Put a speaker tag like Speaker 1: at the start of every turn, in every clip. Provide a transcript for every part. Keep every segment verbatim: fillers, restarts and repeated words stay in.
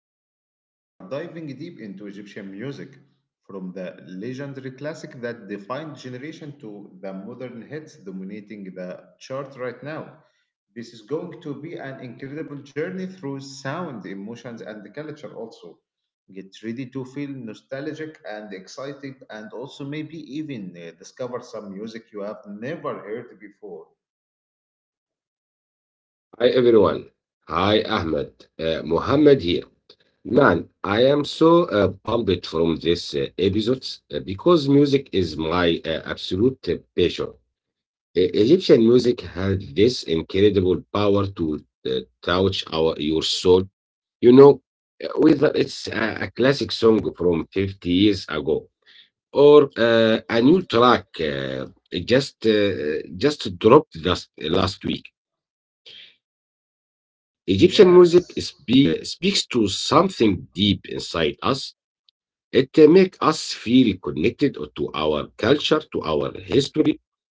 Speaker 1: Ahmed, and today we are diving deep into Egyptian music from the legendary classic that defined generation to the modern hits dominating the chart right now. This is going to be an incredible journey through sound, emotions, and the culture also. Get ready to feel nostalgic and excited, and also maybe even uh, discover some music you have never heard before.
Speaker 2: Hi everyone. Hi Ahmed. Uh, Mohammed here. Man, I am so uh, pumped from this uh, episode uh, because music is my uh, absolute uh, passion. E- Egyptian music has this incredible power to uh, touch our your soul. You know, uh, whether it's a, a classic song from fifty years ago or uh, a new track uh, just uh, just dropped just last week. Egyptian music
Speaker 1: Yes.
Speaker 2: speak uh, speaks to something deep inside us. It uh, make us feel connected to our culture, to our history,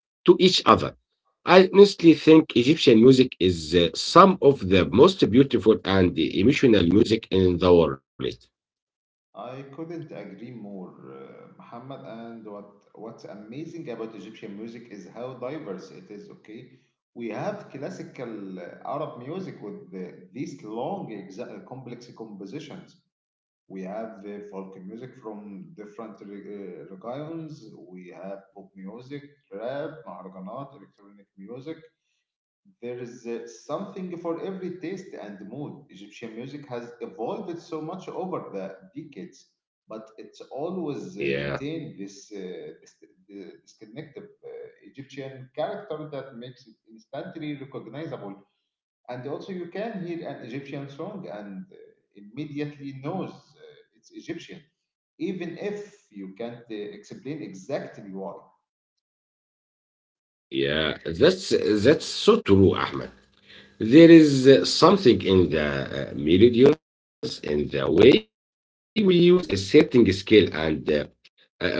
Speaker 2: to each other. I honestly think Egyptian music is uh, some of the most beautiful and emotional music in the world.
Speaker 1: I couldn't agree more, uh, Muhammad. And what what's amazing about Egyptian music is how diverse it is. Okay, we have classical uh, Arab music with the, these long, exa- uh, complex compositions. We have uh, folk music from different re- uh, regions. We have pop music, rap, maharganat, electronic music. There is uh, something for every taste and mood. Egyptian music has evolved so much over the decades, but it's always uh,
Speaker 2: Yeah,
Speaker 1: maintained this, uh, this, this connective uh, Egyptian character that makes it instantly recognizable. And also, you can hear an Egyptian song and uh, immediately knows uh, it's Egyptian, even if you can't uh, explain exactly why.
Speaker 2: yeah, that's that's so true, Ahmed. There is uh, something in the uh, melodies, in the way we use a certain scale and uh, a progression.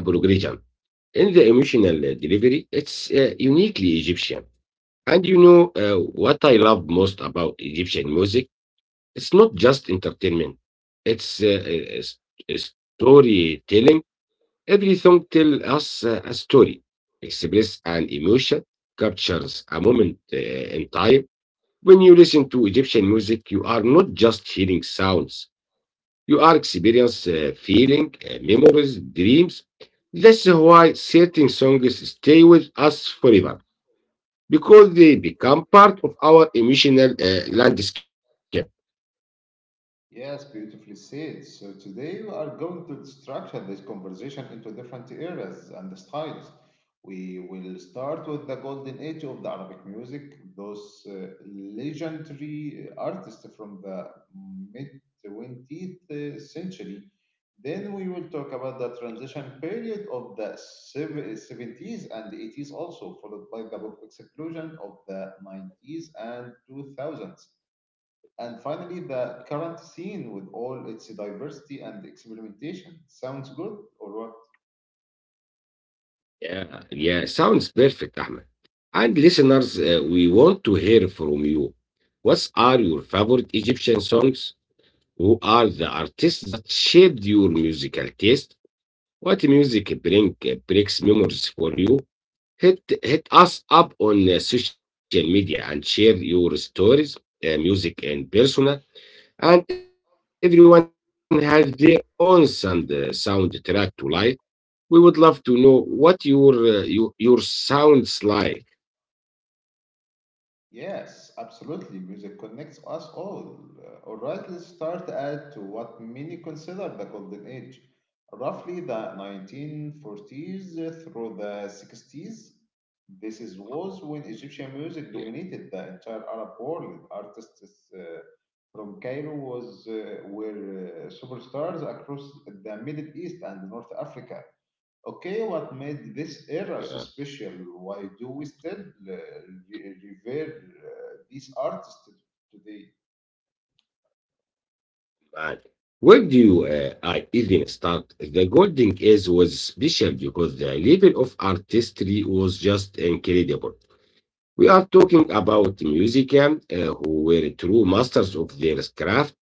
Speaker 2: In the emotional uh, delivery, it's uh, uniquely Egyptian. And you know uh, what I love most about Egyptian music? It's not just entertainment, it's uh, uh, s- uh, storytelling. Every song tells us uh, a story, express an emotion, captures a moment uh, in time. When you listen to Egyptian music, you are not just hearing sounds. You are experiencing feeling, uh, memories, dreams. That's why certain songs stay with us forever because they become part of our emotional uh, landscape.
Speaker 1: Yes, beautifully said. So today we are going to structure this conversation into different eras and styles. We will start with the golden age of the Arabic music, those uh, legendary artists from the mid twentieth century. Then we will talk about the transition period of the sev- seventies and eighties, also followed by the pop explosion of the nineties and two thousands. And finally, the current scene with all its diversity and experimentation. Sounds good, or what?
Speaker 2: Yeah, yeah, sounds perfect, Ahmed. And listeners, uh, we want to hear from you. What are your favorite Egyptian songs? Who are the artists that shaped your musical taste? What music bring, uh, breaks memories for you? Hit hit us up on uh, social media and share your stories, uh, music, and persona. And everyone has their own sound uh, soundtrack to life. We would love to know what your uh, your, your sounds like.
Speaker 1: Yes, absolutely. Music connects us all. Uh, all right, let's start at what many consider the golden age, roughly the nineteen forties through the sixties. This is was when Egyptian music
Speaker 2: Yeah,
Speaker 1: dominated the entire Arab world. Artists uh, from Cairo was uh, were uh, superstars across the Middle East and North Africa. Okay, what made this era so
Speaker 2: yeah,
Speaker 1: special? Why do we still uh, re- revere uh, these artists t- today?
Speaker 2: man. Where do you uh, I even start? The Golden Age was special because the level of artistry was just incredible. We are talking about musicians uh, who were true masters of their craft.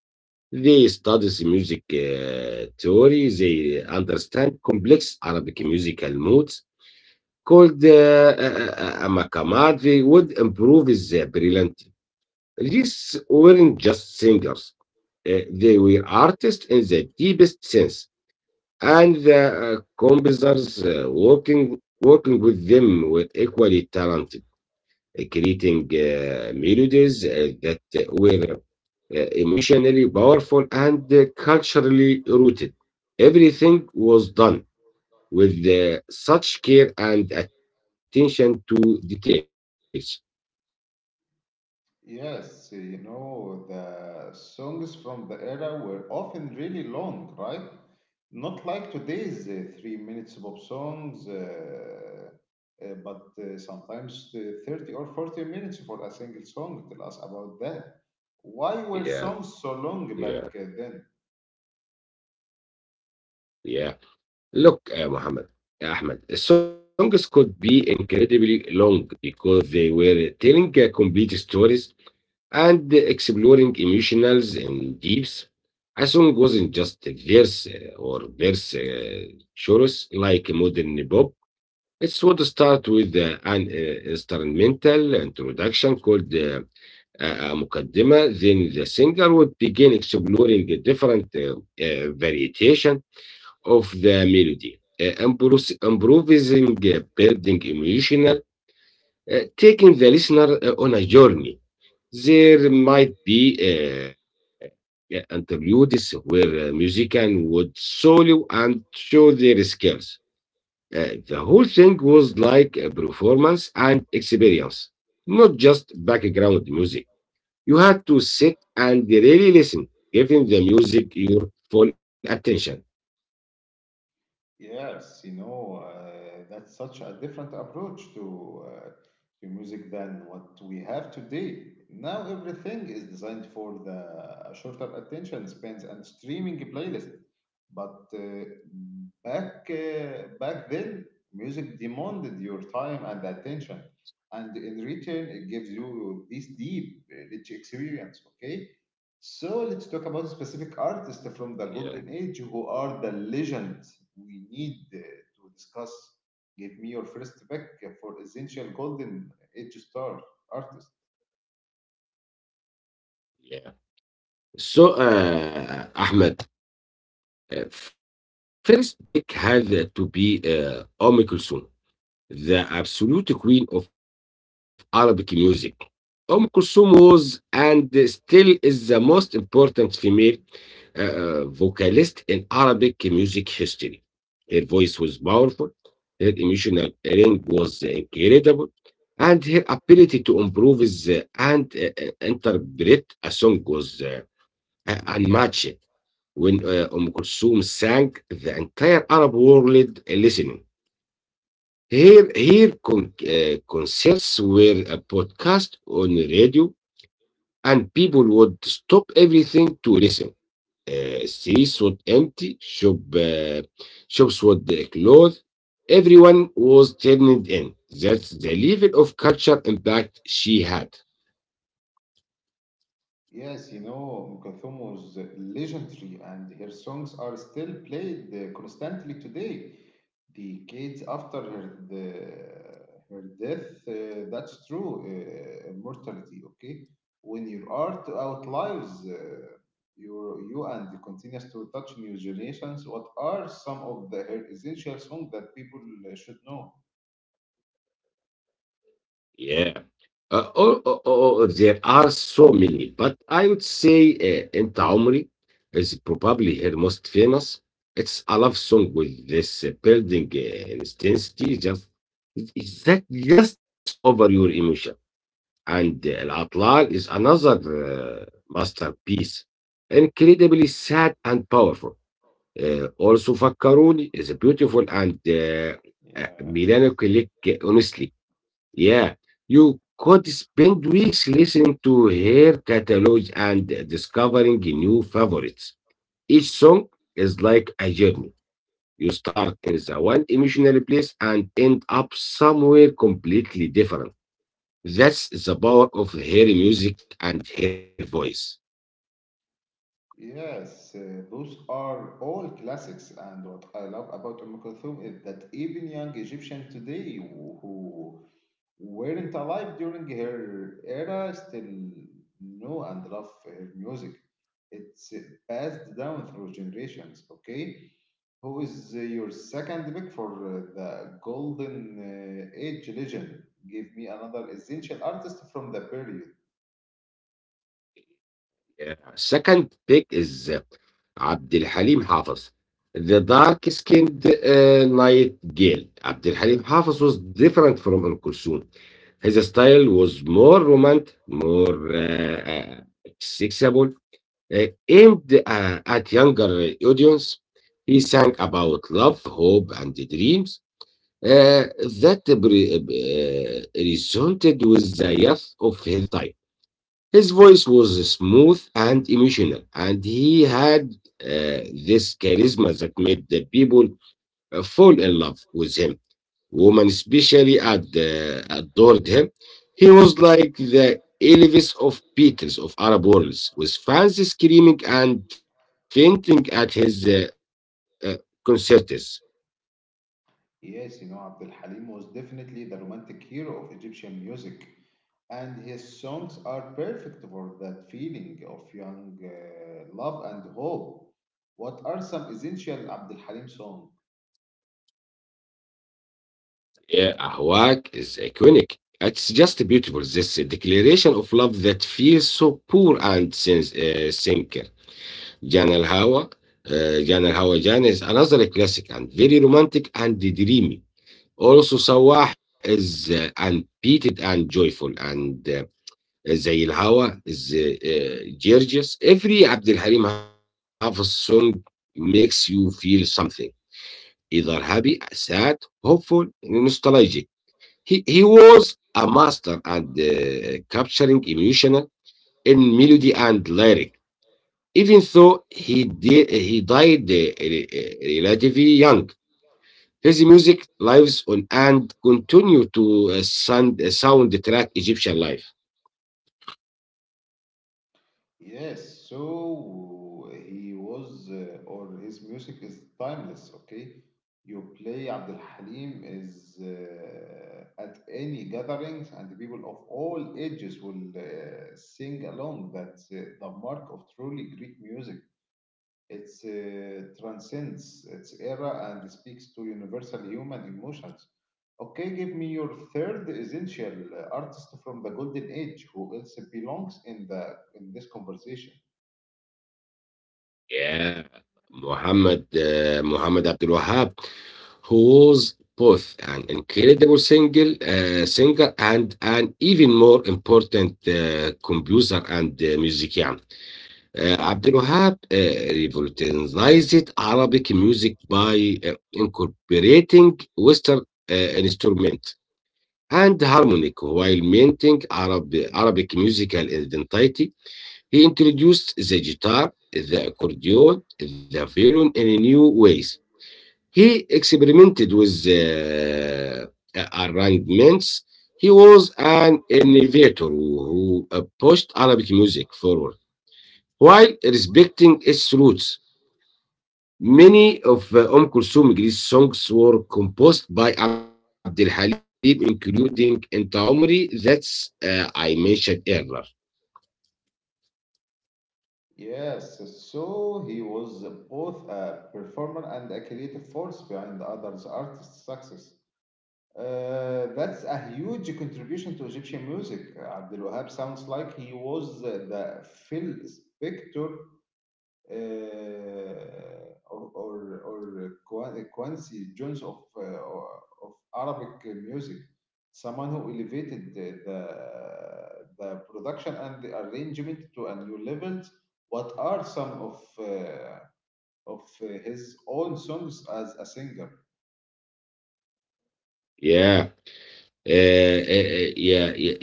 Speaker 2: They studies music uh, theory. They understand complex Arabic musical moods called uh, uh, makamat. They would improve his uh, brilliant. These weren't just singers. Uh, they were artists in the deepest sense, and the uh, composers uh, working working with them were equally talented, uh, creating uh, melodies uh, that were uh, emotionally powerful and uh, culturally rooted. Everything was done with uh, such care and attention to details.
Speaker 1: Yes, you know, the songs from the era were often really long, right? Not like today's uh, three minutes pop songs, uh, uh, but uh, sometimes uh, thirty or forty minutes for a single song. Tell us about that. Why were
Speaker 2: Yeah,
Speaker 1: songs so long
Speaker 2: yeah,
Speaker 1: back uh, then?
Speaker 2: yeah. Look, uh, Muhammad, Ahmed, songs could be incredibly long because they were telling uh, complete stories and exploring emotionals in deeps. A song wasn't just a verse uh, or verse uh, chorus like a modern pop. It would start with uh, an uh, instrumental introduction called uh, a a mukaddima. Then the singer would begin exploring the different uh, uh, variation of the melody, uh, impros- improvising, uh, building emotional, uh, taking the listener uh, on a journey. There might be uh, yeah, interludes where uh, musicians would solo and show their skills. Uh, the whole thing was like a performance and experience, not just background music. You had to sit and really listen, giving the music your full attention.
Speaker 1: Yes, you know, uh, that's such a different approach to uh, to music than what we have today. Now everything is designed for the shorter attention spans and streaming playlist. But uh, back uh, back then, music demanded your time and attention, and in return, it gives you this deep, rich experience. Okay, so let's talk about specific artists from the golden
Speaker 2: Yeah,
Speaker 1: age who are the legends we need uh, to discuss. Give me your first pick for essential golden age star artist.
Speaker 2: yeah. So, uh, Ahmed, uh, first pick had to be uh, Omicron, the absolute queen of Arabic music. Umm Kulthum was and still is the most important female uh, uh, vocalist in Arabic music history. Her voice was powerful, her emotional range was incredible, and her ability to improve the- and uh, uh, interpret a song was uh, uh, unmatched. When uh, Umm Kulthum sang, the entire Arab world listening. Here, here con- uh, concerts were a podcast on the radio, and people would stop everything to listen. Uh, streets would empty, shop, uh, shops would uh, close. Everyone was turned in. That's the level of culture impact she had.
Speaker 1: Yes, you know, Kulthum was legendary, and her songs are still played uh, constantly today. Decades after her, the, her death, uh, that's true, uh, immortality, okay? When your art outlives uh, your, you and continues to touch new generations, what are some of the, her essential songs that people uh, should know?
Speaker 2: Yeah. Uh, oh, oh, oh, oh, there are so many, but I would say uh, Enta Omri is probably her most famous. It's a love song with this uh, building uh, intensity. Just it's that just takes over your emotion. And uh, Al Atlal is another uh, masterpiece, incredibly sad and powerful. Uh, also, Fakkaruni is beautiful and uh, uh,
Speaker 1: Yes.
Speaker 2: melancholic, honestly. Yeah, you could spend weeks listening to her catalogs and discovering new favorites. Each song is like a journey. You start in the one emotional place and end up somewhere completely different. That's the power of her music and her voice.
Speaker 1: Yes, uh, those are all classics, and what I love about Umm Kulthum is that even young Egyptians today who weren't alive during her era still know and love her music. It's uh, passed down through generations, okay? Who is uh, your second pick for uh, the Golden uh, Age legend? Give me another essential artist from the period.
Speaker 2: Yeah. Second pick is uh, Abdul Halim Hafiz, the dark skinned uh, night girl. Abdul Halim Hafiz was different from Al Kulsum. His style was more romantic, more uh, uh, accessible, uh, aimed uh, at younger audience. He sang about love, hope, and dreams uh, that re- uh, resonated with the youth of his time. His voice was smooth and emotional, and he had uh, this charisma that made the people uh, fall in love with him, women, especially at the at Dordrecht. He was like the Elvis of Beatles of Arab worlds, with fans screaming and fainting at his uh, uh, concerts.
Speaker 1: Yes, you know, Abdul Halim was definitely the romantic hero of Egyptian music, and his songs are perfect for that feeling of young uh, love and hope. What are some essential Abdul Halim songs?
Speaker 2: Yeah, Ahwak is iconic. It's just beautiful. This uh, declaration of love that feels so poor and sins, uh, sincere. Jan al Hawa, uh, Jan al Hawa Jan is another classic and very romantic and dreamy. Also, Sawah is uh, unbeaten and joyful, and uh, زي الهوا is uh, uh, gorgeous. Every Abd Halim Hafiz song makes you feel something, either happy, sad, hopeful, nostalgic. He, he was a master at uh, capturing emotional in melody and lyric, even though he did, he died uh, re- uh, relatively young. His music lives on and continue to uh, sound, uh, soundtrack Egyptian life.
Speaker 1: Yes, so he was, uh, or his music is timeless, okay? You play Abdul Halim is uh, at any gatherings, and the people of all ages will uh, sing along. That's uh, the mark of truly Greek music. It uh, transcends its era and speaks to universal human emotions. Okay, give me your third essential uh, artist from the Golden Age who else belongs in the in this conversation.
Speaker 2: Yeah, Muhammad uh, Muhammad Abdul Wahab, who was both an incredible single uh, singer and an even more important uh, composer and uh, musician. آآ عبد الوهاب آآ revolutionized Arabic music by uh, incorporating western uh, instruments and harmonic while maintaining Arab Arabic musical identity. He introduced the guitar, the accordion, the violin in new ways. He experimented with uh, arrangements. He was an innovator who uh, pushed Arabic music forward while respecting its roots. Many of uh, Umm Kulthum Greece songs were composed by Abdul Halim, including Enta Omri, that's uh, I mentioned earlier.
Speaker 1: Yes, so he was both a performer and a creative force behind others' artists' success. Uh, that's a huge contribution to Egyptian music. Abdel Wahab sounds like he was the Phil Spector uh, or or or Quincy Jones of uh, of Arabic music, someone who elevated the the, the production and the arrangement to a new level. What are some of uh, of his own songs as a singer?
Speaker 2: Yeah. Uh, yeah, yeah, yeah,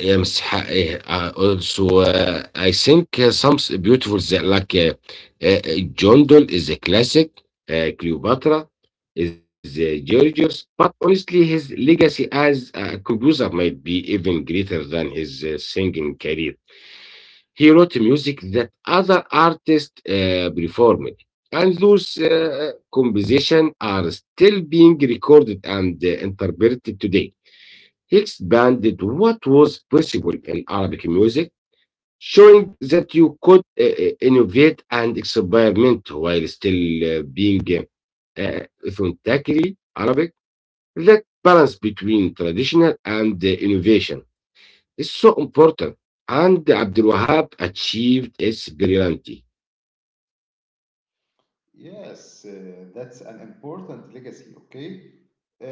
Speaker 2: yeah, mister Ha- eh, uh, Also, uh, I think uh, some s- beautiful that like uh, uh, John Donne is a classic, uh, Cleopatra is uh, Georgios, but honestly, his legacy as a composer might be even greater than his uh, singing career. He wrote music that other artists uh, performed, and those uh, compositions are still being recorded and uh, interpreted today. He expanded what was possible in Arabic music, showing that you could uh, uh, innovate and experiment while still uh, being uh, uh, authentically Arabic. That balance between traditional and uh, innovation is so important, and Abdul Wahab achieved its brilliancy.
Speaker 1: Yes, uh, that's an important legacy, okay? Uh,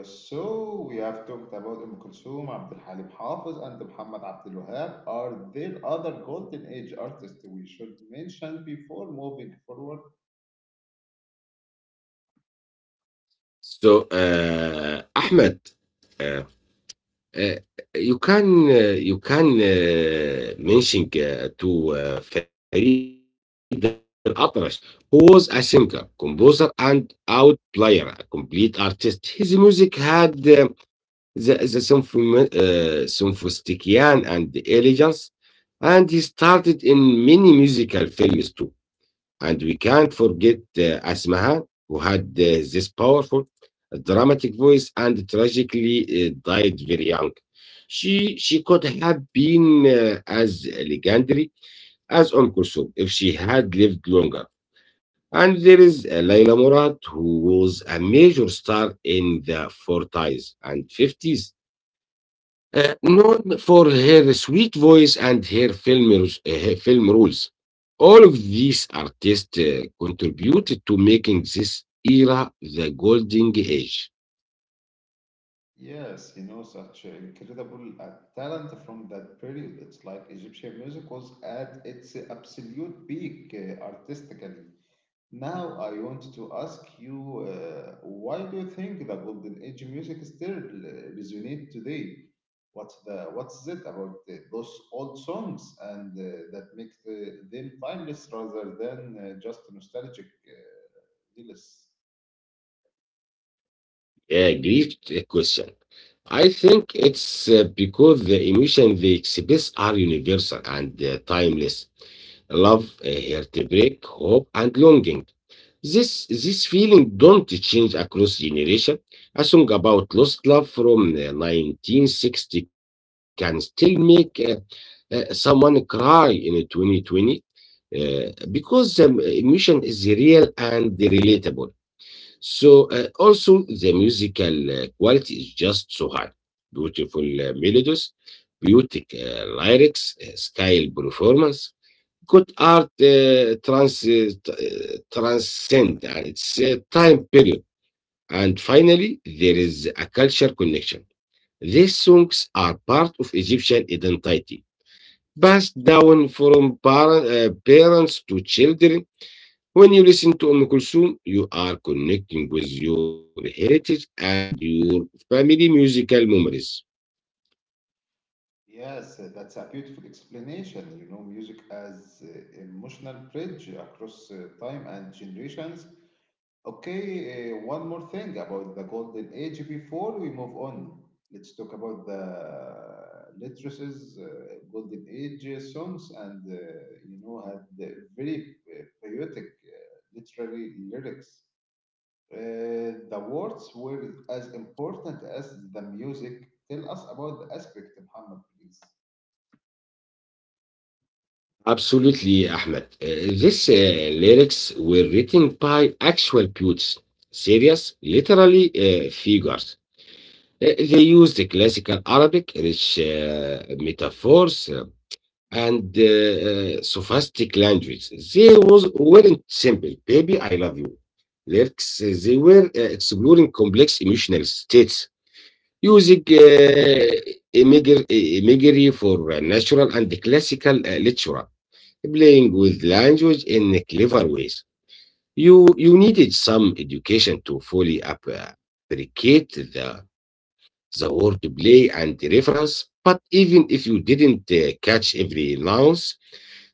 Speaker 1: uh, so we have talked about Umm Kulthum, Abdul Halim Hafiz, and Muhammad Abdul Wahab. Are there other golden age artists we should mention before moving forward?
Speaker 2: So, uh, Ahmed, uh, Uh, you can uh, you can uh, mention uh, to uh, Farid Al-Atrash, who was a singer, composer, and out player, a complete artist. His music had uh, the, the symphom- uh, sophistication and elegance, and he started in many musical films too. And we can't forget uh, Asmahan, who had uh, this powerful, dramatic voice and tragically uh, died very young. She, she could have been uh, as legendary as Umm Kulthum if she had lived longer. And there is uh, Layla Murad, who was a major star in the forties and fifties uh, known for her sweet voice and her film, rus- uh, her film roles. All of these artists uh, contributed to making this era the golden age.
Speaker 1: Yes, you know, such incredible uh, talent from that period. It's like Egyptian music was at its absolute peak uh, artistically. Now I want to ask you, uh, why do you think the golden age music still uh, resonates today? What's the what's it about uh, those old songs and uh, that make uh, them timeless rather than uh, just nostalgic uh, lyrics?
Speaker 2: Yeah, great uh, question. I think it's uh, because the emotions they express are universal and uh, timeless. Love, uh, heartbreak, hope, and longing. This this feeling don't change across generation. A song about lost love from uh, nineteen sixty can still make uh, uh, someone cry in twenty twenty uh, because um, emotion is real and relatable. So uh, also the musical uh, quality is just so high. Beautiful uh, melodies, beautiful uh, lyrics, uh, scale performance. Good art uh, trans, uh, t- uh, transcend uh, its uh, time period. And finally, there is a culture connection. These songs are part of Egyptian identity, passed down from par- uh, parents to children. When you listen to Umm Kulthum, you are connecting with your heritage and your family musical memories.
Speaker 1: Yes, uh, that's a beautiful explanation. You know, music as uh, emotional bridge across uh, time and generations. Okay, uh, one more thing about the golden age before we move on. Let's talk about the literacies, uh, golden age songs, and uh, you know had the very uh, poetic, uh, literary lyrics. Uh, the words were as important as the music. Tell us about the aspect, Muhammad, please.
Speaker 2: Absolutely, Ahmed. Uh, These uh, lyrics were written by actual poets, serious, literally uh, figures. Uh, They used the classical Arabic, rich uh, metaphors, uh, and uh, uh, sophistic language. They was, weren't simple, baby, I love you. Lyrics, uh, they were uh, exploring complex emotional states using uh, imagery imagery for uh, natural and classical uh, literature, playing with language in clever ways. You you needed some education to fully ap- appreciate the the wordplay and the reference. But even if you didn't uh, catch every nuance,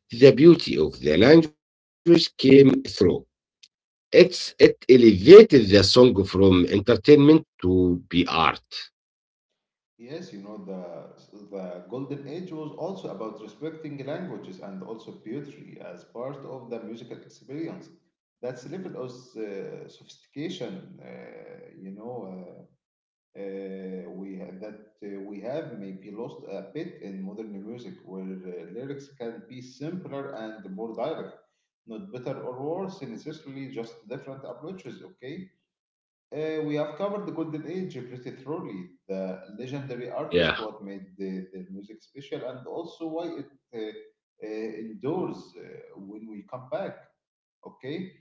Speaker 2: the beauty of the language came through. It's it elevated the song from entertainment to be art.
Speaker 1: Yes, you know, the, the Golden Age was also about respecting languages and also poetry as part of the musical experience. That's level of uh, sophistication, uh, you know, uh, uh, we ha- that uh, we have maybe lost a bit in modern music, where uh, lyrics can be simpler and more direct, not better or worse necessarily, just different approaches. Okay, uh, we have covered the golden age pretty thoroughly, the legendary
Speaker 2: Yeah.
Speaker 1: artists, what made the, their music special, and also why it uh, uh, endures uh, when we come back. Okay,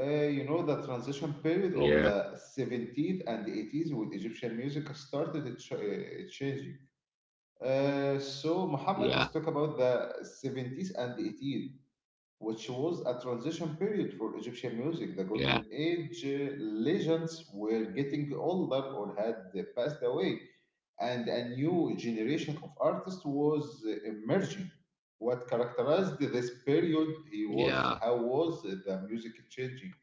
Speaker 1: uh, you know the transition period of
Speaker 2: Yeah,
Speaker 1: the seventies and eighties with Egyptian music started it ch- uh, changing. Uh, so Muhammad, let's talk
Speaker 2: yeah,
Speaker 1: about the seventies and eighties which was a transition period for Egyptian music. The
Speaker 2: yeah.
Speaker 1: Golden Age uh, legends were getting older or had uh, passed away, and a new generation of artists was uh, emerging. What characterized this period he was
Speaker 2: Yeah,
Speaker 1: how was the music changing?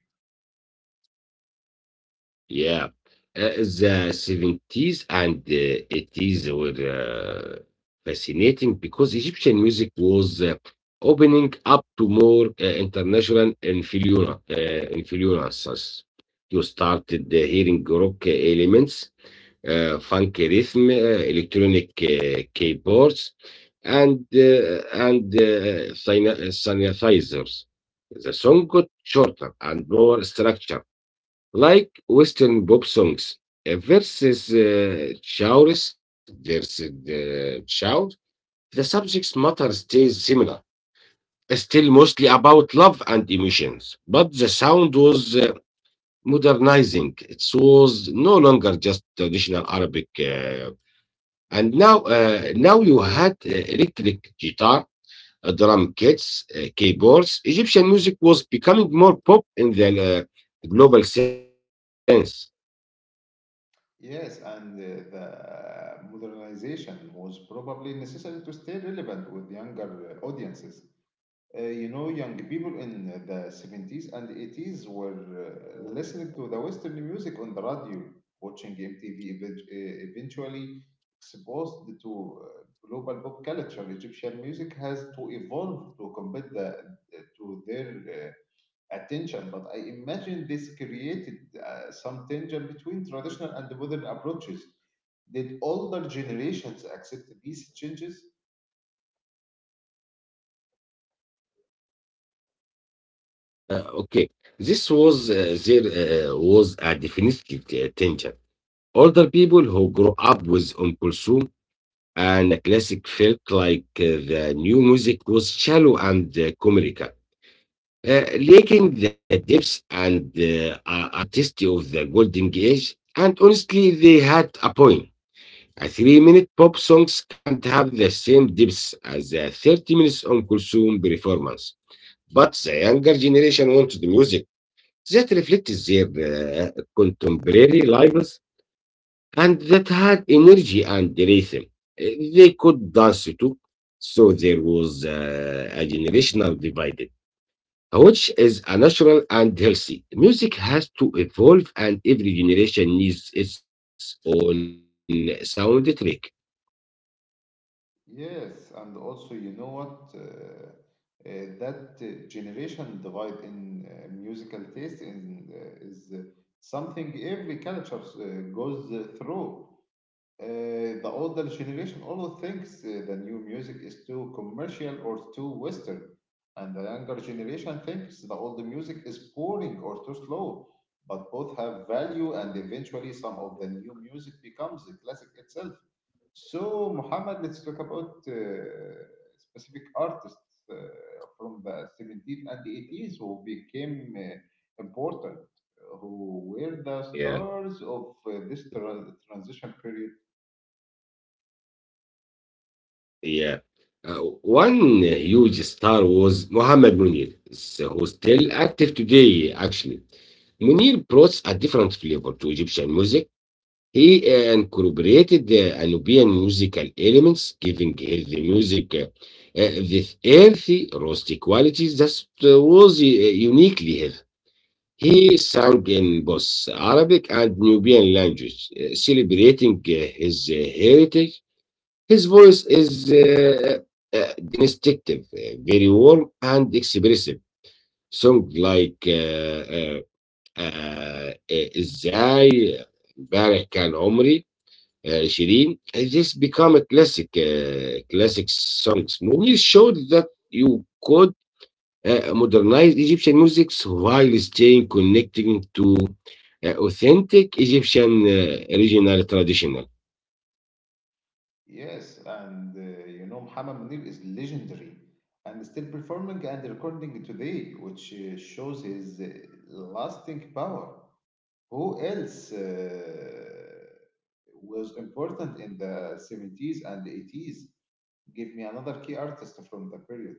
Speaker 2: yeah. Uh, the seventies and uh, eighties were uh, fascinating because Egyptian music was uh, opening up to more uh, international influence, uh, influences. You started uh, hearing rock elements, uh, funk rhythm, uh, electronic uh, keyboards, and uh, and uh, syna- synthesizers. The song got shorter and more structured like Western pop songs uh, versus uh, genres versus the shout, the subject matter stays similar. Still mostly about love and emotions, but the sound was uh, modernizing. It was no longer just traditional Arabic. Uh, and now, uh, now you had uh, electric guitar, uh, drum kits, uh, keyboards. Egyptian music was becoming more pop in the uh, global sense.
Speaker 1: Yes, and uh, the modernization was probably necessary to stay relevant with younger uh, audiences. Uh, you know, young people in the seventies and eighties were uh, listening to the Western music on the radio, watching M T V, event- uh, eventually exposed to uh, global pop culture. Egyptian music has to evolve to compete the, to their uh, attention, but I imagine this created uh, some tension between traditional and modern approaches. Did older generations accept these changes?
Speaker 2: Uh, okay, this was uh, there uh, was a definite uh, tension. Older people who grew up with on Kulsum and the classic felt like uh, the new music was shallow and uh, commercial, uh, lacking the depth and uh, a- artistry of the golden age. And honestly, they had a point. A three-minute pop songs can't have the same depth as a thirty minutes on Kulsum performance. But the younger generation wanted music that reflected their uh, contemporary lives and that had energy and rhythm. Uh, They could dance too, so there was uh, a generational divide, which is a natural and healthy. Music has to evolve, and every generation needs its own soundtrack.
Speaker 1: Yes, and also, you know what? Uh, uh, that uh, generation divide in uh, musical taste in, uh, is uh, something every culture uh, goes uh, through. Uh, the older generation always thinks uh, the new music is too commercial or too Western, and the younger generation thinks the old music is boring or too slow. But both have value, and eventually, some of the new music becomes a classic itself. So, Muhammad, let's talk about uh, specific artists uh, from the seventeenth and eighties who became uh, important, who were
Speaker 2: Yeah,
Speaker 1: the stars of uh, this tra- transition period.
Speaker 2: yeah. Uh, One huge star was Mohammed Munir, so who's still active today, actually. Munir brought a different flavor to Egyptian music. He uh, incorporated the Nubian musical elements, giving his music uh, uh, this earthy, rustic quality that uh, was uh, uniquely his. He sang in both Arabic and Nubian language, uh, celebrating uh, his uh, heritage. His voice is uh, uh, uh, distinctive, uh, very warm and expressive. Songs like uh, uh, آآ أ إزاي امبارح كان عمري آآ twenty this become a classic uh, classic songs movies showed that you could uh, modernize Egyptian music while staying connecting to uh, authentic Egyptian uh, original traditional.
Speaker 1: Yes, and uh, you know, Muhammad Munir is legendary and still performing and recording today, which uh, shows his uh, lasting power. Who else uh, was important in the seventies and eighties? Give me another key artist from the period.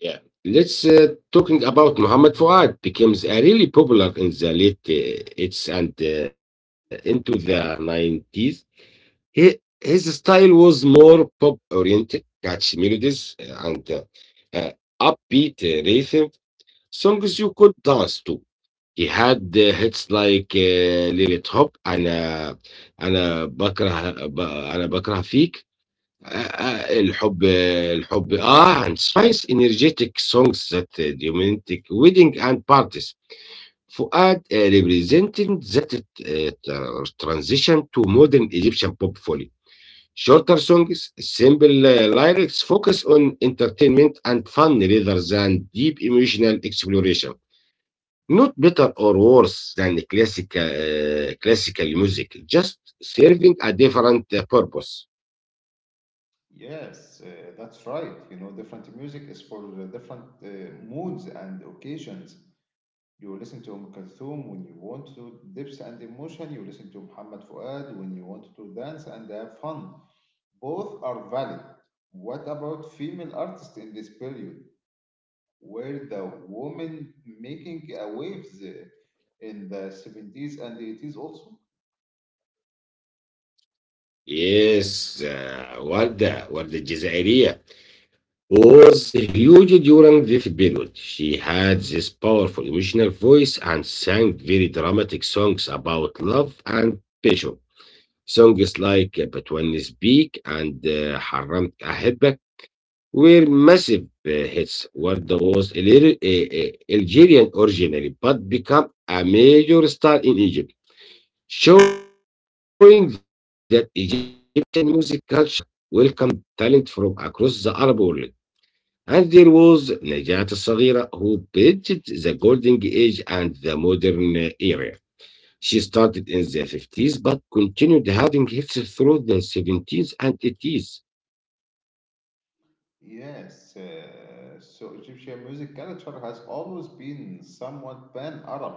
Speaker 2: Yeah. Let's uh, talking about Muhammad Fuad becomes uh, really popular in the late uh, eighties and uh, into the nineties. He, his style was more pop oriented, catchy melodies, uh, and uh, uh, upbeat uh, rhythm songs you could dance to. He had uh, hits like uh, Lilith Hop and uh, أنا بكره ب- أنا بكره فيك آه، آه، الحب الحب آه and Spice energetic songs that uh, romantic wedding and parties فؤاد uh, representing that uh, tr- transition to modern Egyptian pop folly. Shorter songs, simple uh, lyrics focus on entertainment and fun rather than deep emotional exploration. Not better or worse than classical uh, classical music, just serving a different uh, purpose.
Speaker 1: Yes, uh, that's right. You know, different music is for the different uh, moods and occasions. You listen to Umm Kulthum when you want to dips and emotion. You listen to Muhammad Fuad when you want to dance and have fun. Both are valid. What about female artists in this period? Were the women making uh, waves uh, in the seventies and eighties also?
Speaker 2: Yes, uh, Warda, Warda الجزائرية was huge during this period. She had this powerful emotional voice and sang very dramatic songs about love and passion. Songs like uh, "But When Speak" and uh, "حرمت أحبك" were massive uh, hits. Warda was Alger- eh, eh, Algerian originally, but became a major star in Egypt, showing that Egyptian music culture welcomed talent from across the Arab world. And there was Najat Al-Saghira, who bridged the golden age and the modern uh, era. She started in the fifties but continued having hits through the seventies and eighties.
Speaker 1: Yes, uh, so Egyptian music culture has always been somewhat pan-Arab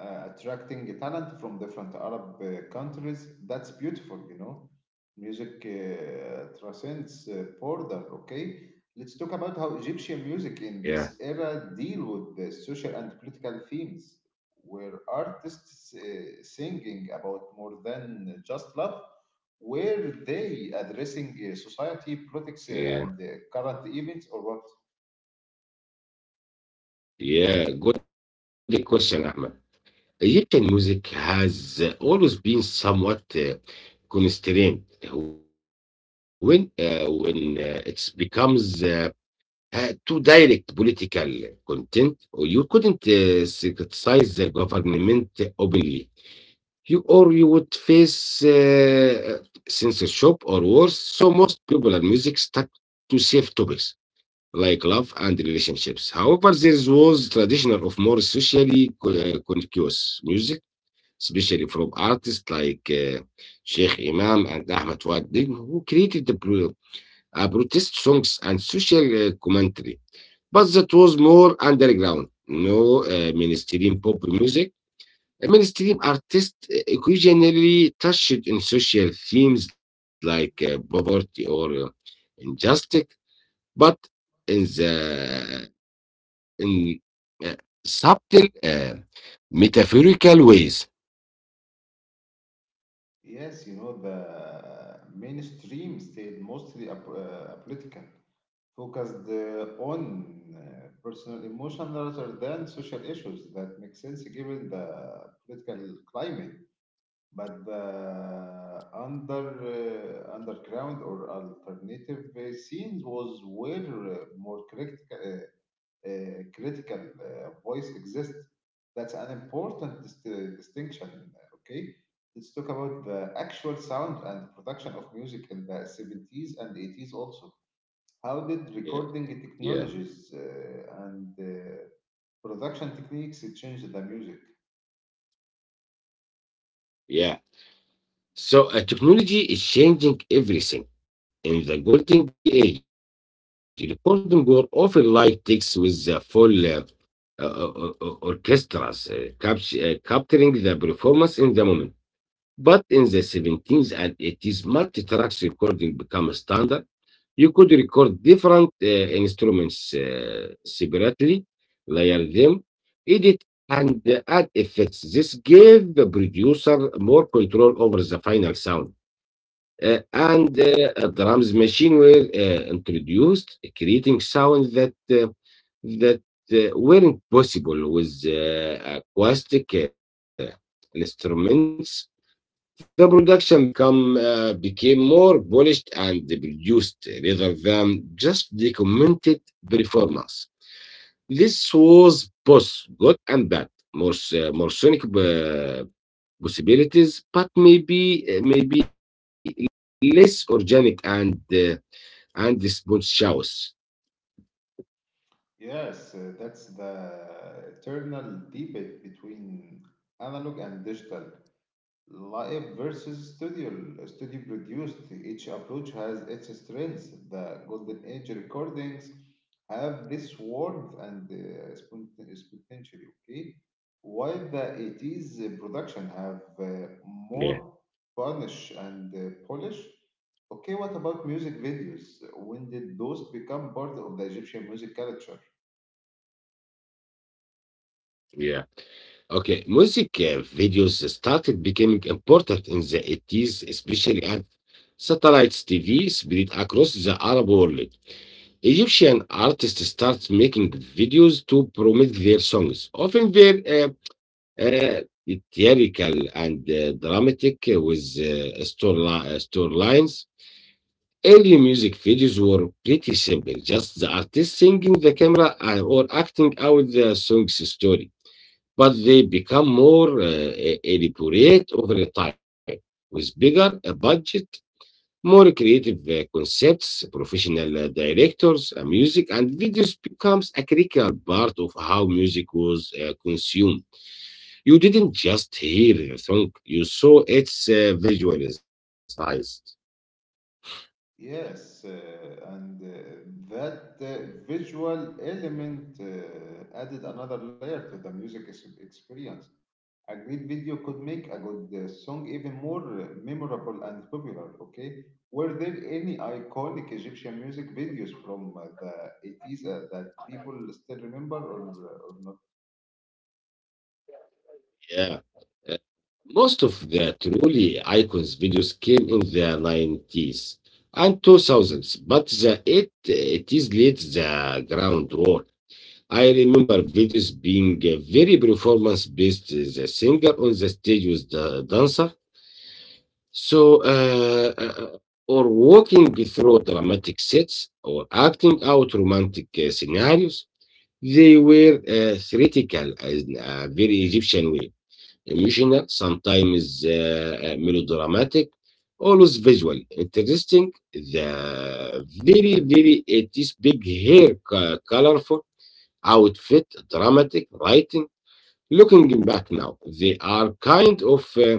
Speaker 1: uh, attracting talent from different Arab uh, countries. That's beautiful, you know. Music uh, transcends uh, border. Okay, let's talk about how Egyptian music in this
Speaker 2: Yeah,
Speaker 1: era deal with the social and political themes, where artists uh, singing about more than just love. Were they addressing uh, society, politics, uh, and
Speaker 2: yeah,
Speaker 1: uh, current events, or what?
Speaker 2: yeah. Good question, Ahmed. Egyptian music has uh, always been somewhat uh, constrained when uh, when uh, it becomes uh, too direct political content, or you couldn't uh, criticize the government openly. You or you would face uh, censorship or worse. So most people and music stuck to safe topics like love and relationships. However, there was traditional of more socially co- uh, conscious music, especially from artists like uh, Sheikh Imam and Ahmed Wadid, who created the pro- uh, protest songs and social uh, commentary. But that was more underground, no uh, mainstream pop music. Mainstream artists uh, occasionally touched on social themes like uh, poverty or uh, injustice, but in the in uh, subtle, uh, metaphorical ways.
Speaker 1: Yes, you know, the mainstream stayed mostly ap- uh, apolitical, focused uh, on uh, personal emotion rather than social issues. That makes sense given the political climate. But the under uh, underground or alternative uh, scenes was where uh, more critical uh, critical uh, voice exist. That's an important dist- distinction. uh, Okay, let's talk about the actual sound and production of music in the seventies and eighties also. How did recording technologies
Speaker 2: Yeah,
Speaker 1: uh,
Speaker 2: yeah,
Speaker 1: and uh, production techniques change the music?
Speaker 2: yeah. So uh, technology is changing everything. In the golden age, recording were often like takes with the full uh, uh, uh, uh, orchestras, uh, capt- uh, capturing the performance in the moment. But in the seventeens, and eighties, multi tracks recording became standard. You could record different uh, instruments uh, separately, layer them, edit, and uh, add effects. This gave the producer more control over the final sound. Uh, and uh, uh, Drums machine were uh, introduced, creating sounds that uh, that uh, weren't possible with uh, acoustic uh, instruments. The production become uh, became more polished and produced rather than just documented performance. This was both good and bad. More, s- more sonic uh, possibilities, but maybe uh, maybe less organic and uh, and spontaneous.
Speaker 1: Yes, uh, that's the eternal debate between analog and digital. Live versus studio. Studio produced. Each approach has its strengths. The golden age recordings have this warmth and uh, spontan- spontaneity, okay? While the eighties production have
Speaker 2: Yeah,
Speaker 1: uh, more punish and uh, polish. Okay, what about music videos? When did those become part of the Egyptian music culture?
Speaker 2: yeah. Okay, music uh, videos started becoming important in the eighties, especially as satellites T V spread across the Arab world. Egyptian artists start making videos to promote their songs. Often very uh, uh, theatrical and uh, dramatic uh, with uh, storyli- uh, storylines. Early music videos were pretty simple, just the artist singing the camera uh, or acting out the song's story. But they become more uh, e- elaborate over time, with bigger uh, budget, more creative uh, concepts, professional uh, directors, uh, music, and videos becomes a critical part of how music was uh, consumed. You didn't just hear the song; you saw its uh, visualized.
Speaker 1: Yes, uh, and uh, that uh, visual element uh, added another layer to the music ex- experience. A great video could make a good uh, song even more uh, memorable and popular, okay? Were there any iconic Egyptian music videos from uh, the eighties uh, that people still remember, or, or not?
Speaker 2: Yeah. Uh, Most of the truly icons videos came in the nineties and two thousands, but the eight, it is laid the groundwork. I remember videos being uh, very performance based. The singer on the stage with the dancer. So, uh, uh, or walking through dramatic sets or acting out romantic uh, scenarios. They were uh, theatrical uh, in a very Egyptian way, emotional, sometimes uh, uh, melodramatic, always visual, interesting, the very, very, it is big hair, co- colorful outfit, dramatic writing. Looking back now, they are kind of uh,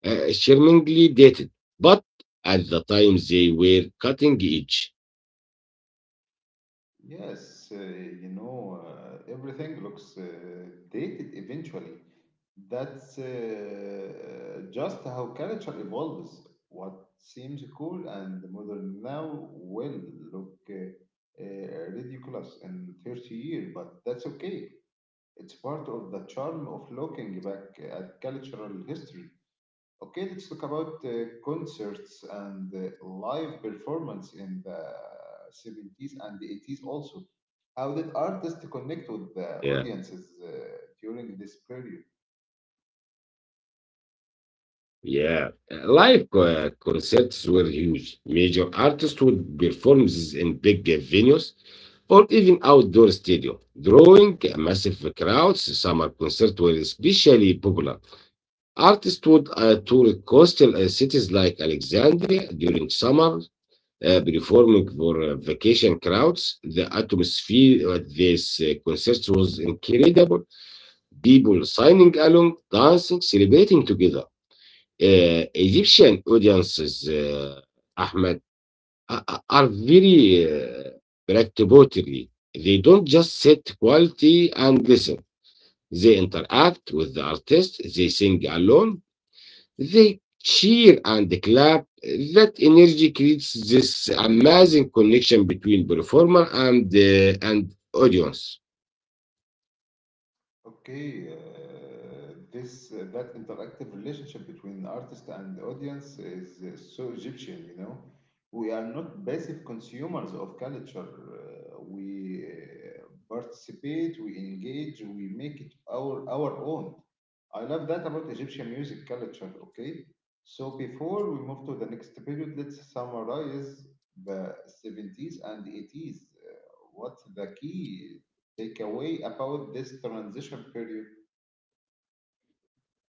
Speaker 2: uh, charmingly dated, but at the time they were cutting edge.
Speaker 1: Yes, uh, you know, uh, everything looks uh, dated eventually. That's uh, just how culture evolves. What seems cool and modern now will look uh, uh, ridiculous in thirty years, but that's okay. It's part of the charm of looking back at cultural history. Okay, let's talk about uh, concerts and uh, live performance in the seventies and the eighties also. How did artists connect with
Speaker 2: Yeah,
Speaker 1: the audiences uh, during this period?
Speaker 2: yeah. Uh, Live uh, concerts were huge. Major artists would perform this in big uh, venues or even outdoor stadium, drawing massive crowds. Summer concerts were especially popular. Artists would uh, tour coastal uh, cities like Alexandria during summer, uh, performing for uh, vacation crowds. The atmosphere at these uh, concerts was incredible. People signing along, dancing, celebrating together. Uh, Egyptian audiences, uh, Ahmed, are are very uh, participatory. They don't just sit quietly and listen. They interact with the artist. They sing along, they cheer and clap. That energy creates this amazing connection between performer and uh, and audience.
Speaker 1: Okay, uh, this uh, that interactive relationship between artist and audience is uh, so Egyptian, you know. We are not passive consumers of culture. Uh, we uh, participate, we engage, we make it our our own. I love that about Egyptian music culture. Okay, so before we move to the next period, let's summarize the seventies and eighties. Uh, what the key takeaway about this transition period?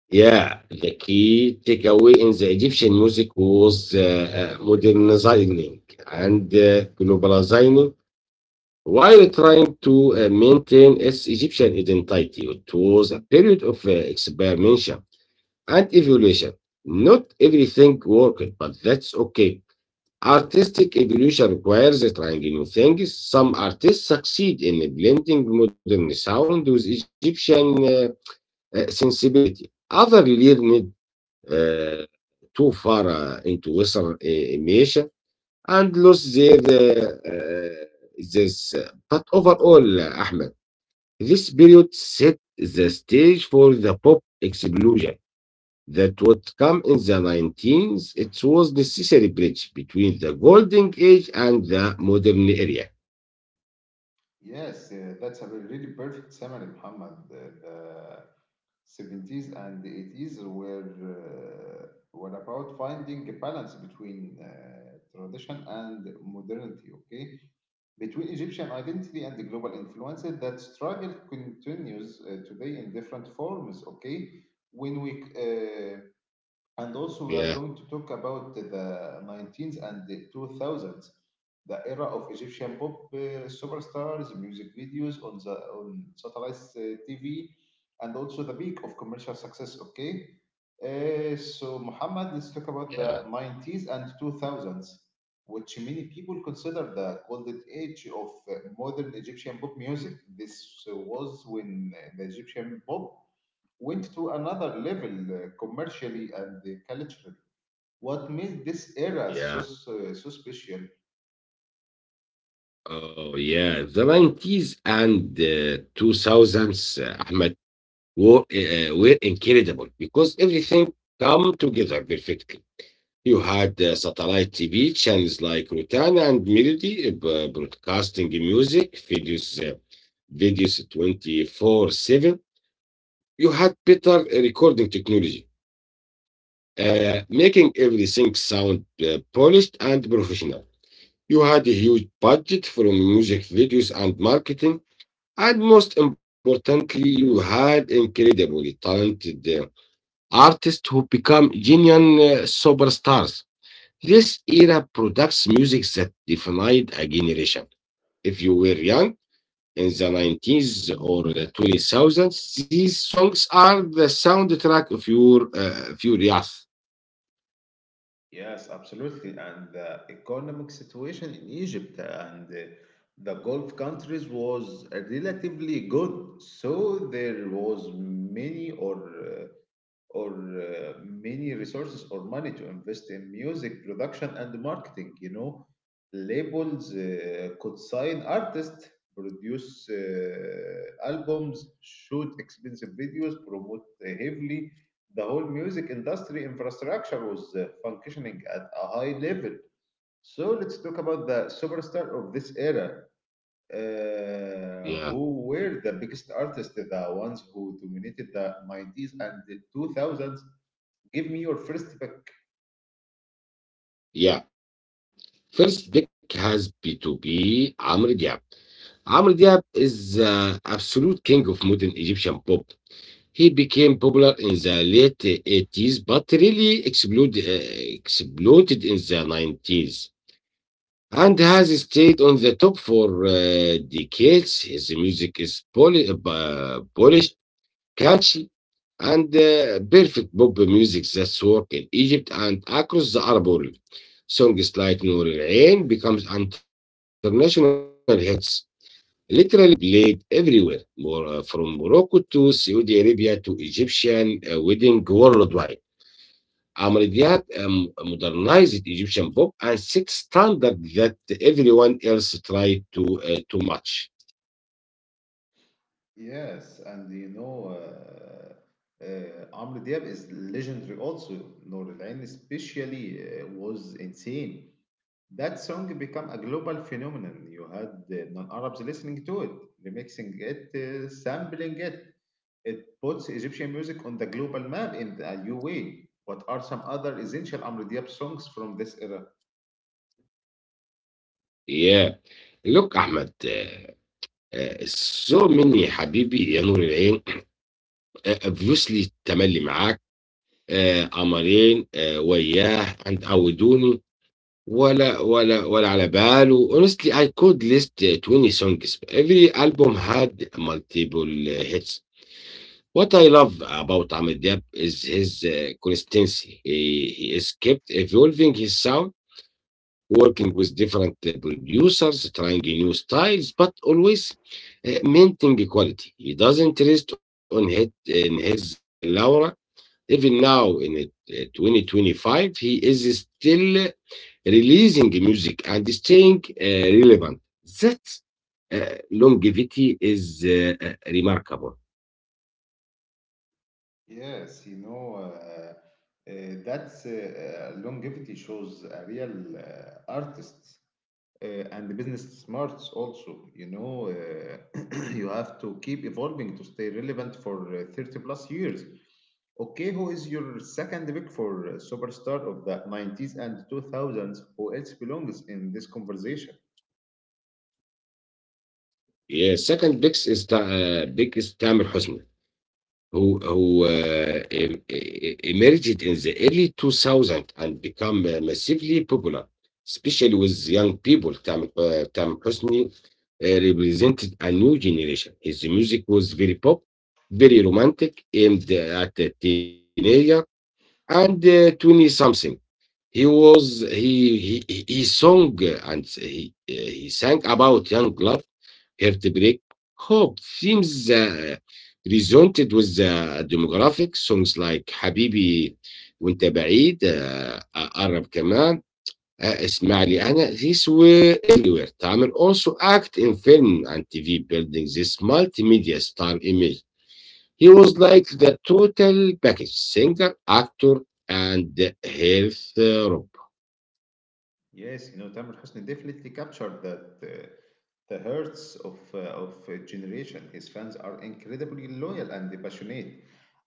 Speaker 2: Yeah, the key takeaway in the Egyptian music was uh, uh, modernizing and uh, globalizing while trying to uh, maintain its Egyptian identity. It was a period of uh, experimentation and evolution. Not everything worked, but that's okay. Artistic evolution requires trying new things. Some artists succeed in blending modern sound with Egyptian uh, uh, sensibility. Others leaned uh, too far uh, into Western uh, imitation and lost their uh, uh, this. uh, But overall, uh, Ahmed, this period set the stage for the pop explosion that would come in the nineteenth, it was necessary bridge between the golden age and the modern era.
Speaker 1: Yes, uh, that's a really perfect summary, Muhammad. The, the seventies and the eighties were uh, were about finding a balance between uh, tradition and modernity. Okay, between Egyptian identity and the global influence, that struggle continues uh, today in different forms. Okay, when we uh,
Speaker 2: Yeah,
Speaker 1: and also, we are going to talk about the nineteenth and the two thousands, the era of Egyptian pop uh, superstars, music videos on the on satellite uh, T V, and also the peak of commercial success. Okay, Uh, so Muhammad, let's
Speaker 2: yeah,
Speaker 1: talk about the nineties and two thousands, which many people consider the golden age of uh, modern Egyptian pop music. This uh, was when uh, the Egyptian pop went to another level uh, commercially and uh, culturally. What made this era
Speaker 2: yeah.
Speaker 1: so, so, so special?
Speaker 2: Oh, yeah. The nineties and uh, two thousands, uh, Ahmed, were, uh, were incredible because everything come together perfectly. You had uh, satellite T V channels like Rotana and Melody uh, b- broadcasting music, videos, uh, videos twenty four seven. You had better recording technology, uh, making everything sound uh, polished and professional. You had a huge budget from music videos and marketing. And most importantly, you had incredibly talented uh, artists who become genuine uh, superstars. This era products music that defined a generation. If you were young, in the nineties or the two thousands, these songs are the soundtrack of your uh, of your youth.
Speaker 1: Yes, absolutely. And the economic situation in Egypt and uh, the Gulf countries was relatively good. So there was many or uh, or uh, many resources or money to invest in music production and marketing. You know, labels uh, could sign artists, produce uh, albums, shoot expensive videos, promote uh, heavily. The whole music industry infrastructure was uh, functioning at a high level. So let's talk about the superstar of this era. Uh, who
Speaker 2: Yeah,
Speaker 1: were the biggest artists, the ones who dominated the nineties and the two thousands? Give me your first pick.
Speaker 2: yeah. First pick has be to be Amr Diab. Amr Diab is the absolute king of modern Egyptian pop. He became popular in the late eighties, but really exploded, uh, exploded in the nineties and has stayed on the top for uh, decades. His music is poly- uh, polished, catchy and uh, perfect pop music that's work in Egypt and across the Arab world. Songs like Noor Al Ain becomes international hits, literally played everywhere, Mor- uh, from Morocco to Saudi Arabia to Egyptian uh, wedding worldwide. Amr Diab um, modernized Egyptian pop and set standard that everyone else tried to uh, to match.
Speaker 1: Yes, and you know, uh, uh, Amr Diab is legendary also. Noor Al-Ain especially uh, was insane. That song became a global phenomenon. You had uh, non-Arabs listening to it, remixing it, uh, sampling it. It puts Egyptian music on the global map in a new way. What are some other essential Amr Diab songs from this era?
Speaker 2: Yeah, look, Ahmed, uh, uh, so many Habibi, Ya Noor Al بروسلي تملي معاك آه، قمرين آه، وياه عند عودوني ولا ولا ولا على باله. Honestly, I could list uh, twenty songs. Every album had multiple uh, hits. What I love about Ahmed Diab is his uh, consistency. He, he is kept evolving his sound, working with different uh, producers, trying new styles, but always uh, maintaining quality. He doesn't rest on hit in his uh, laura. Even now in uh, twenty twenty-five, he is still releasing music and staying uh, relevant. That uh, longevity is uh, uh, remarkable.
Speaker 1: Yes, you know, uh, uh, uh, that's uh, uh, longevity shows a real uh, artist uh, and business smarts also. You know, uh, you have to keep evolving to stay relevant for uh, thirty plus years. Okay, who is your second pick for uh, superstar of the nineties and two thousands? Who else belongs in this conversation?
Speaker 2: Yeah, second biggest is Ta- uh, biggest Tamer Hosni, who who uh, em- e- e, emerged in the early two thousand and become uh, massively popular, especially with young people. Tamer uh, Tamer Hosni uh, represented a new generation. His music was very pop, very romantic, aimed at the teenager and uh, twenty something. He was he he, he he sung uh, and he, uh, he sang about young love, heartbreak, hope. Themes uh, resonated with the demographic. Songs like "Habibi" وأنت بعيد uh, "أقرب كمان" اسمعني أنا, these were everywhere. Tamer also act in film and T V, building this multimedia star image. He was like the total package: singer, actor, and health.
Speaker 1: Yes, you know, Tamer Hosni definitely captured that uh, the hearts of uh, of a generation. His fans are incredibly loyal and passionate.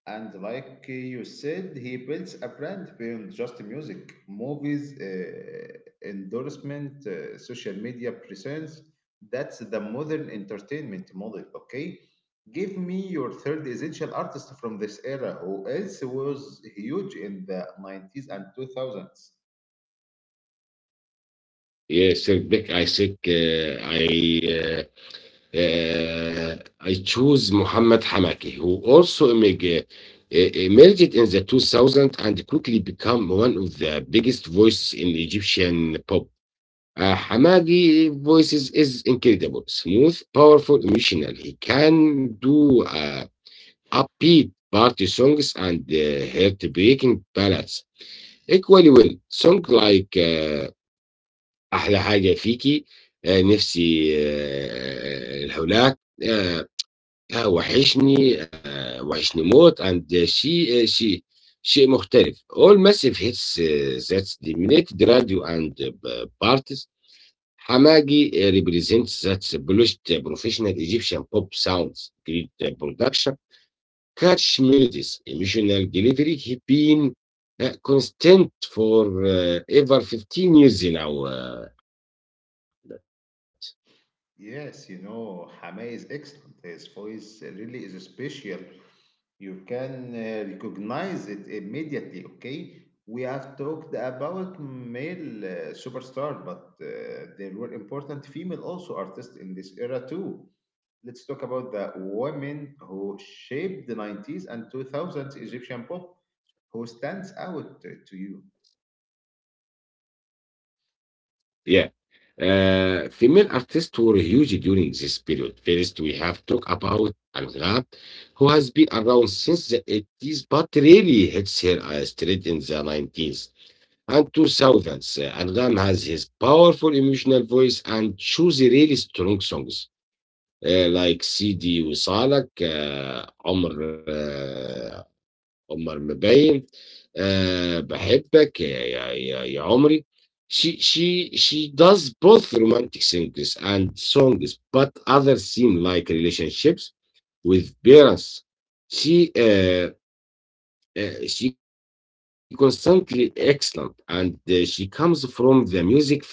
Speaker 1: And like uh, you said, he builds a brand beyond just music, movies, uh, endorsement, uh, social media presence. That's the modern entertainment model. Okay, give me your third essential artist from this era who else was huge in the nineties and two thousands.
Speaker 2: Yes, sir, Beck, I think uh, I uh, uh, I choose Muhammad Hamaki, who also emerg- uh, uh, emerged in the two thousands and quickly become one of the biggest voices in Egyptian pop. Uh, Hamadi voices is incredible, smooth, powerful, emotional. He can do uh, upbeat party songs and uh, heartbreaking ballads equally well. Songs like uh, أحلى حاجة فيكي, uh, نفسي uh, الهولاك, uh, آه، وحشني, uh, وحشني موت, and uh, she, uh, she, شيء مختلف, all massive hits uh, that dominated radio and uh, parties. Hamagi uh, represents that polished, uh, professional Egyptian pop sounds: great uh, production, catch melodies, emotional delivery. He been uh, constant for uh, over fifteen years now. Uh,
Speaker 1: Yes, you know, Hamay is excellent. His voice really is special. You can uh, recognize it immediately, okay? We have talked about male uh, superstar, but uh, there were important female also artists in this era too. Let's talk about the women who shaped the nineties and two thousands Egyptian pop. Who stands out to to you?
Speaker 2: yeah. Uh, female artists were huge during this period. First, we have talked about Alga, who has been around since the eighties, but really hits her uh, straight in the nineties and two Southans. Uh, Angram has his powerful emotional voice and choose really strong songs uh, like Sidi وصالك uh, عمر uh, عمر مبين uh, بحبك يا, يا, يا, يا عمري. She, she, she does both romantic singers and songs, but other seem like relationships with parents. She uh, uh, she constantly excellent, and uh, she comes from the music family.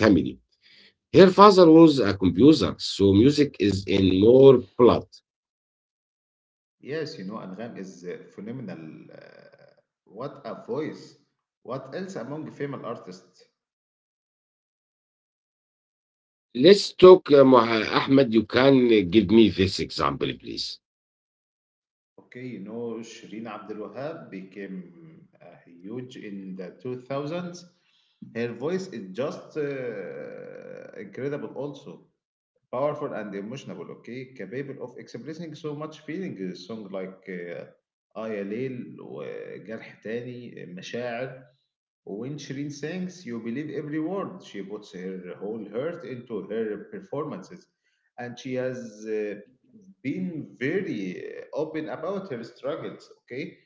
Speaker 2: Her father was a composer, so music is in more blood.
Speaker 1: Yes, you know, Angham is uh, phenomenal. Uh, what a voice! What else among female artists?
Speaker 2: Let's talk, uh, Moha- Ahmed. You can uh, give me this example, please.
Speaker 1: Okay, you know, Shireen Abdul Wahab became uh, huge in the two thousands. Her voice is just uh, incredible, also powerful and emotional. Okay, capable of expressing so much feeling. A song like uh, آية ليل وجرح تاني مشاعر. When Shireen sings, you believe every word. She puts her whole heart into her performances, and she has uh, been very uh, open about her struggles. Okay,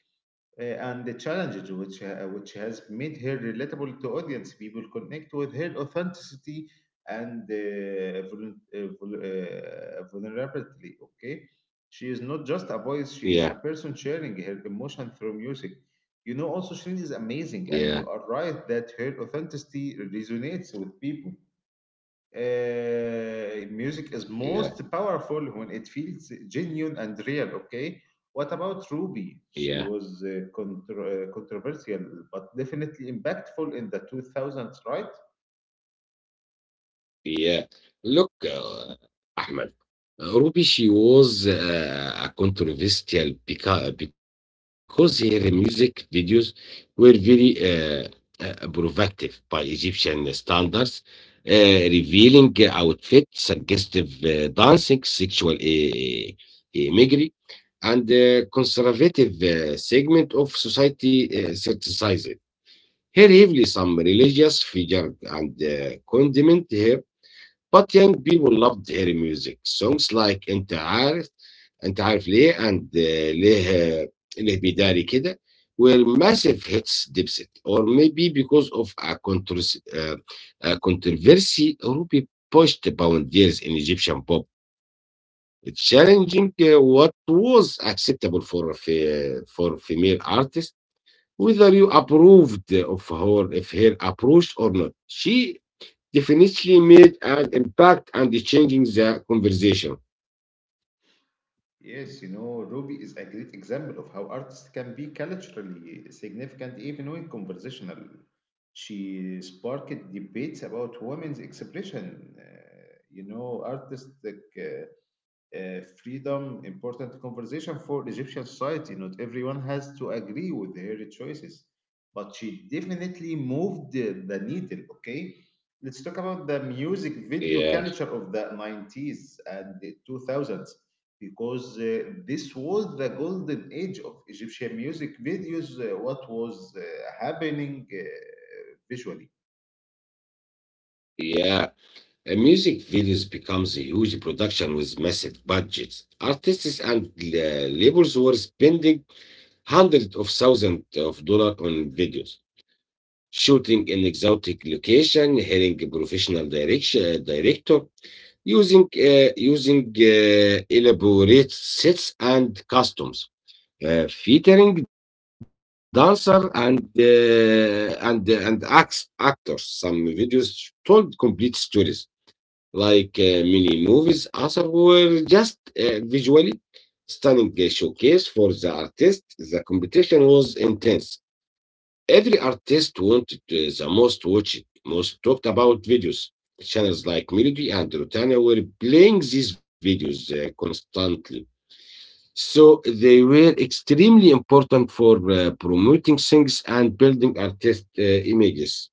Speaker 1: uh, and the challenges which ha- which has made her relatable to audience. People connect with her authenticity and uh, vul- uh, vul- uh, vulnerability. Okay, she is not just a voice; she is a
Speaker 2: Yeah,
Speaker 1: person sharing her emotion through music. You know, also Shirin is amazing, and you are
Speaker 2: yeah,
Speaker 1: right that her authenticity resonates with people uh, music is most
Speaker 2: yeah,
Speaker 1: powerful when it feels genuine and real. Okay, what about Ruby? She
Speaker 2: yeah.
Speaker 1: was uh, contro- uh, controversial, but definitely impactful in the two thousands, right?
Speaker 2: Yeah. Look, uh, Ahmed, Ruby, she was uh, a controversial because, because her music videos were very uh, uh, provocative by Egyptian standards: uh, revealing outfits, suggestive uh, dancing, sexual uh, uh, imagery, and uh, conservative uh, segment of society uh, criticized her heavily. Some religious figures and uh, condemned her, but young people loved her music. Songs like أنت عارف أنت عارف ليه and uh, ليه ليه بيداري كده were massive hits. Dipset or maybe because of a, controversy, uh, a controversy Ruby pushed boundaries in Egyptian pop, challenging uh, what was acceptable for fe- for female artists. Whether you approved of her if her approach or not, she definitely made an impact and changing the conversation.
Speaker 1: Yes, you know, Ruby is a great example of how artists can be culturally significant even when conversational. She sparked debates about women's expression. Uh, you know, artistic. Uh, uh, freedom important conversation for Egyptian society. Not everyone has to agree with her choices, but she definitely moved the, the needle. Okay, let's talk about the music video
Speaker 2: Yeah,
Speaker 1: culture of the nineties and the two thousands because uh, this was the golden age of Egyptian music videos. Uh, what was uh, happening uh, visually?
Speaker 2: yeah. A music videos becomes a huge production with massive budgets. Artists and la- labels were spending hundreds of thousands of dollars on videos, shooting in exotic location, hiring a professional direction, uh, director, using uh, using uh, elaborate sets and costumes, uh, featuring dancer and uh, and uh, and acts, actors. Some videos told complete stories, like uh, many movies. Others were just uh, visually stunning uh, showcase for the artist. The competition was intense. Every artist wanted uh, the most watched, most talked about videos. Channels like Melody and Rotana were playing these videos uh, constantly. So they were extremely important for uh, promoting things and building artist uh, images.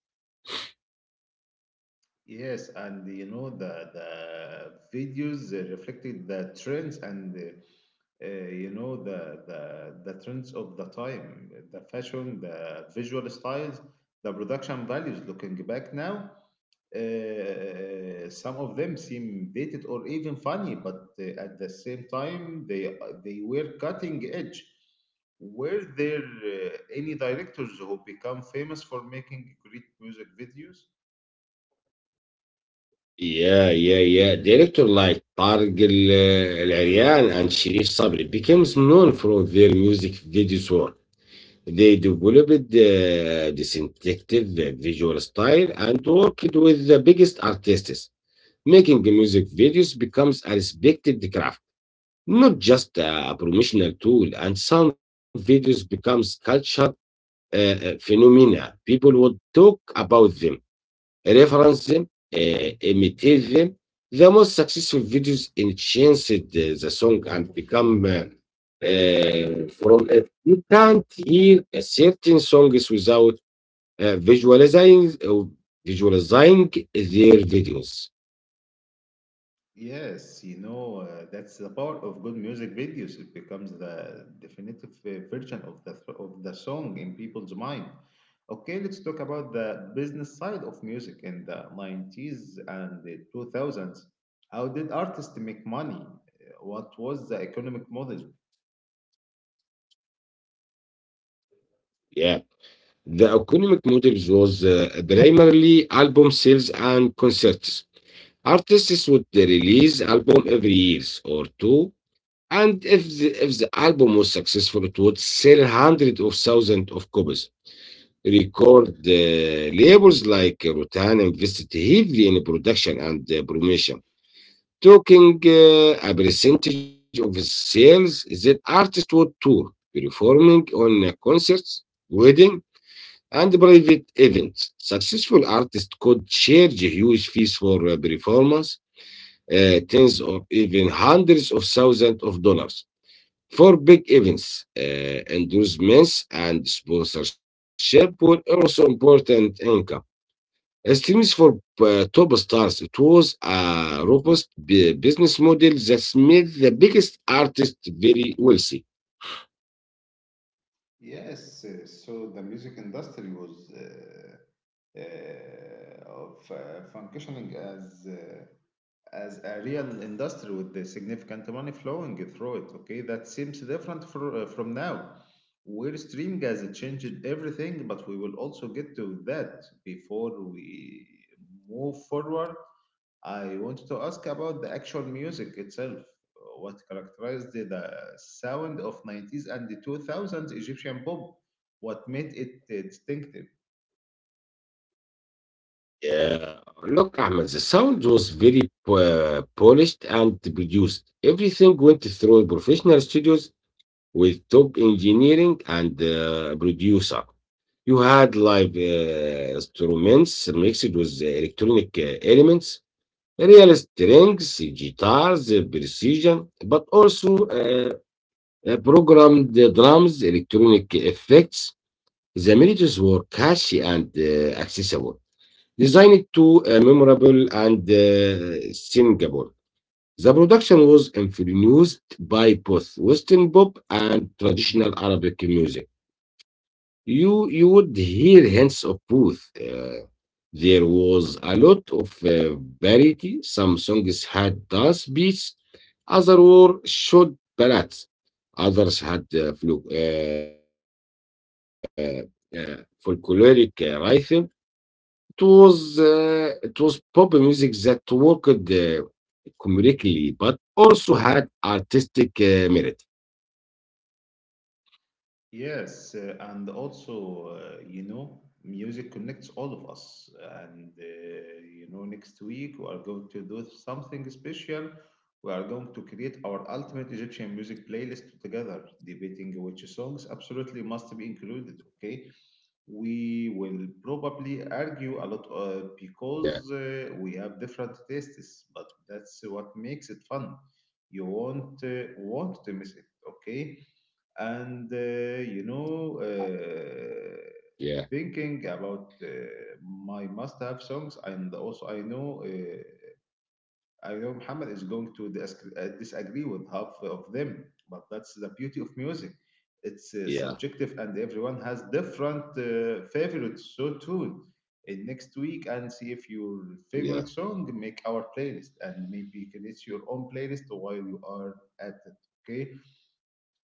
Speaker 1: Yes, and you know the the videos uh, reflected the trends and uh, uh, you know the the the trends of the time, the fashion, the visual styles, the production values. Looking back now, uh, some of them seem dated or even funny, but uh, at the same time, they they were cutting edge. Were there uh, any directors who become famous for making great music videos?
Speaker 2: Yeah, yeah, yeah. Director like Targ Al- Al-Aryan and Sharif Sabri becomes known for their music videos work. They developed uh, distinctive visual style and worked with the biggest artists, making music videos becomes a respected craft, not just a promotional tool. And some videos becomes cultural uh, uh, phenomena. People would talk about them, reference them, uh, imitate them. The most successful videos enhanced uh, the song and become uh, uh, from it. You can't hear a certain songs without uh, visualizing uh, visualizing their videos.
Speaker 1: Yes, you know, uh, that's the power of good music videos. It becomes the definitive uh, version of the of the song in people's mind. Okay, let's talk about the business side of music in the nineties and the two thousands. How did artists make money? Uh, What was the economic model?
Speaker 2: Yeah. The economic model was uh, primarily album sales and concerts. Artists would release album every years or two, and if the, if the album was successful, it would sell hundreds of thousands of copies. Record uh, labels like Rotan invested heavily in production and uh, promotion, taking uh, a percentage of sales. That artists would tour, performing on uh, concerts, weddings and private events. Successful artists could charge huge fees for uh, performance, uh, tens or even hundreds of thousands of dollars. For big events, uh, endorsements and sponsorship were also important income streams for uh, top stars. It was a robust bu- business model that made the biggest artists very wealthy.
Speaker 1: Yes, uh, so the music industry was uh, uh, of uh, functioning as uh, as a real industry with the significant money flowing through it. Okay, that seems different for, uh, from now, where stream gas changed everything. But we will also get to that before we move forward. I wanted to ask about the actual music itself. What characterized the sound of nineties and the two thousands Egyptian pop? What made it distinctive?
Speaker 2: Uh, Look, Ahmed, the sound was very uh, polished and produced. Everything went through professional studios with top engineering and uh, producer. You had live uh, instruments mixed with electronic uh, elements: real strings, guitars, uh, precision, but also uh, uh, programmed uh, drums, electronic effects. The melodies were catchy and uh, accessible, design it to uh, memorable and uh, singable. The production was influenced by both Western pop and traditional Arabic music. You you would hear hints of both. Uh, there was a lot of uh, variety. Some songs had dance beats, others were short ballads, others had uh, flu- uh, uh, folkloric uh, rhythm. It was uh, it was pop music that worked uh, comedically, but also had artistic uh, merit.
Speaker 1: Yes, uh, and also, uh, you know, music connects all of us. And, uh, you know, next week we are going to do something special. We are going to create our ultimate Egyptian music playlist together, debating which songs absolutely must be included, okay? We will probably
Speaker 2: Yeah,
Speaker 1: argue a lot uh, because uh, we have different tastes, but that's what makes it fun. You won't uh, want to miss it, okay? and uh, you know
Speaker 2: yeah,
Speaker 1: uh, thinking about uh, my must-have songs, and also I know uh, I know Muhammad is going to dis- uh, disagree with half of them, but that's the beauty of music.
Speaker 2: yeah,
Speaker 1: It's uh, subjective, and everyone has different uh, favorites. So tune in next week and see if your
Speaker 2: yeah,
Speaker 1: favorite song make our playlist, and maybe create your own playlist while you are at it. Okay,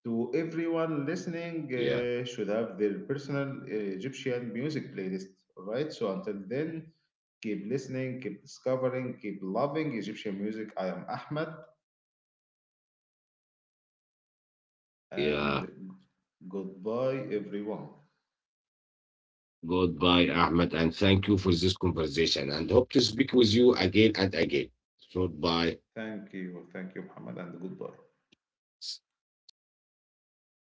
Speaker 1: to everyone listening,
Speaker 2: yeah,
Speaker 1: uh, should have their personal uh, Egyptian music playlist. All right. So until then, keep listening, keep discovering, keep loving Egyptian music. I am Ahmed, and
Speaker 2: yeah.
Speaker 1: goodbye, everyone.
Speaker 2: Goodbye, Ahmed, and thank you for this conversation. And hope to speak with you again and again. So, bye.
Speaker 1: Thank you, thank you, Muhammad, and goodbye.
Speaker 2: Thank you, Ahmed.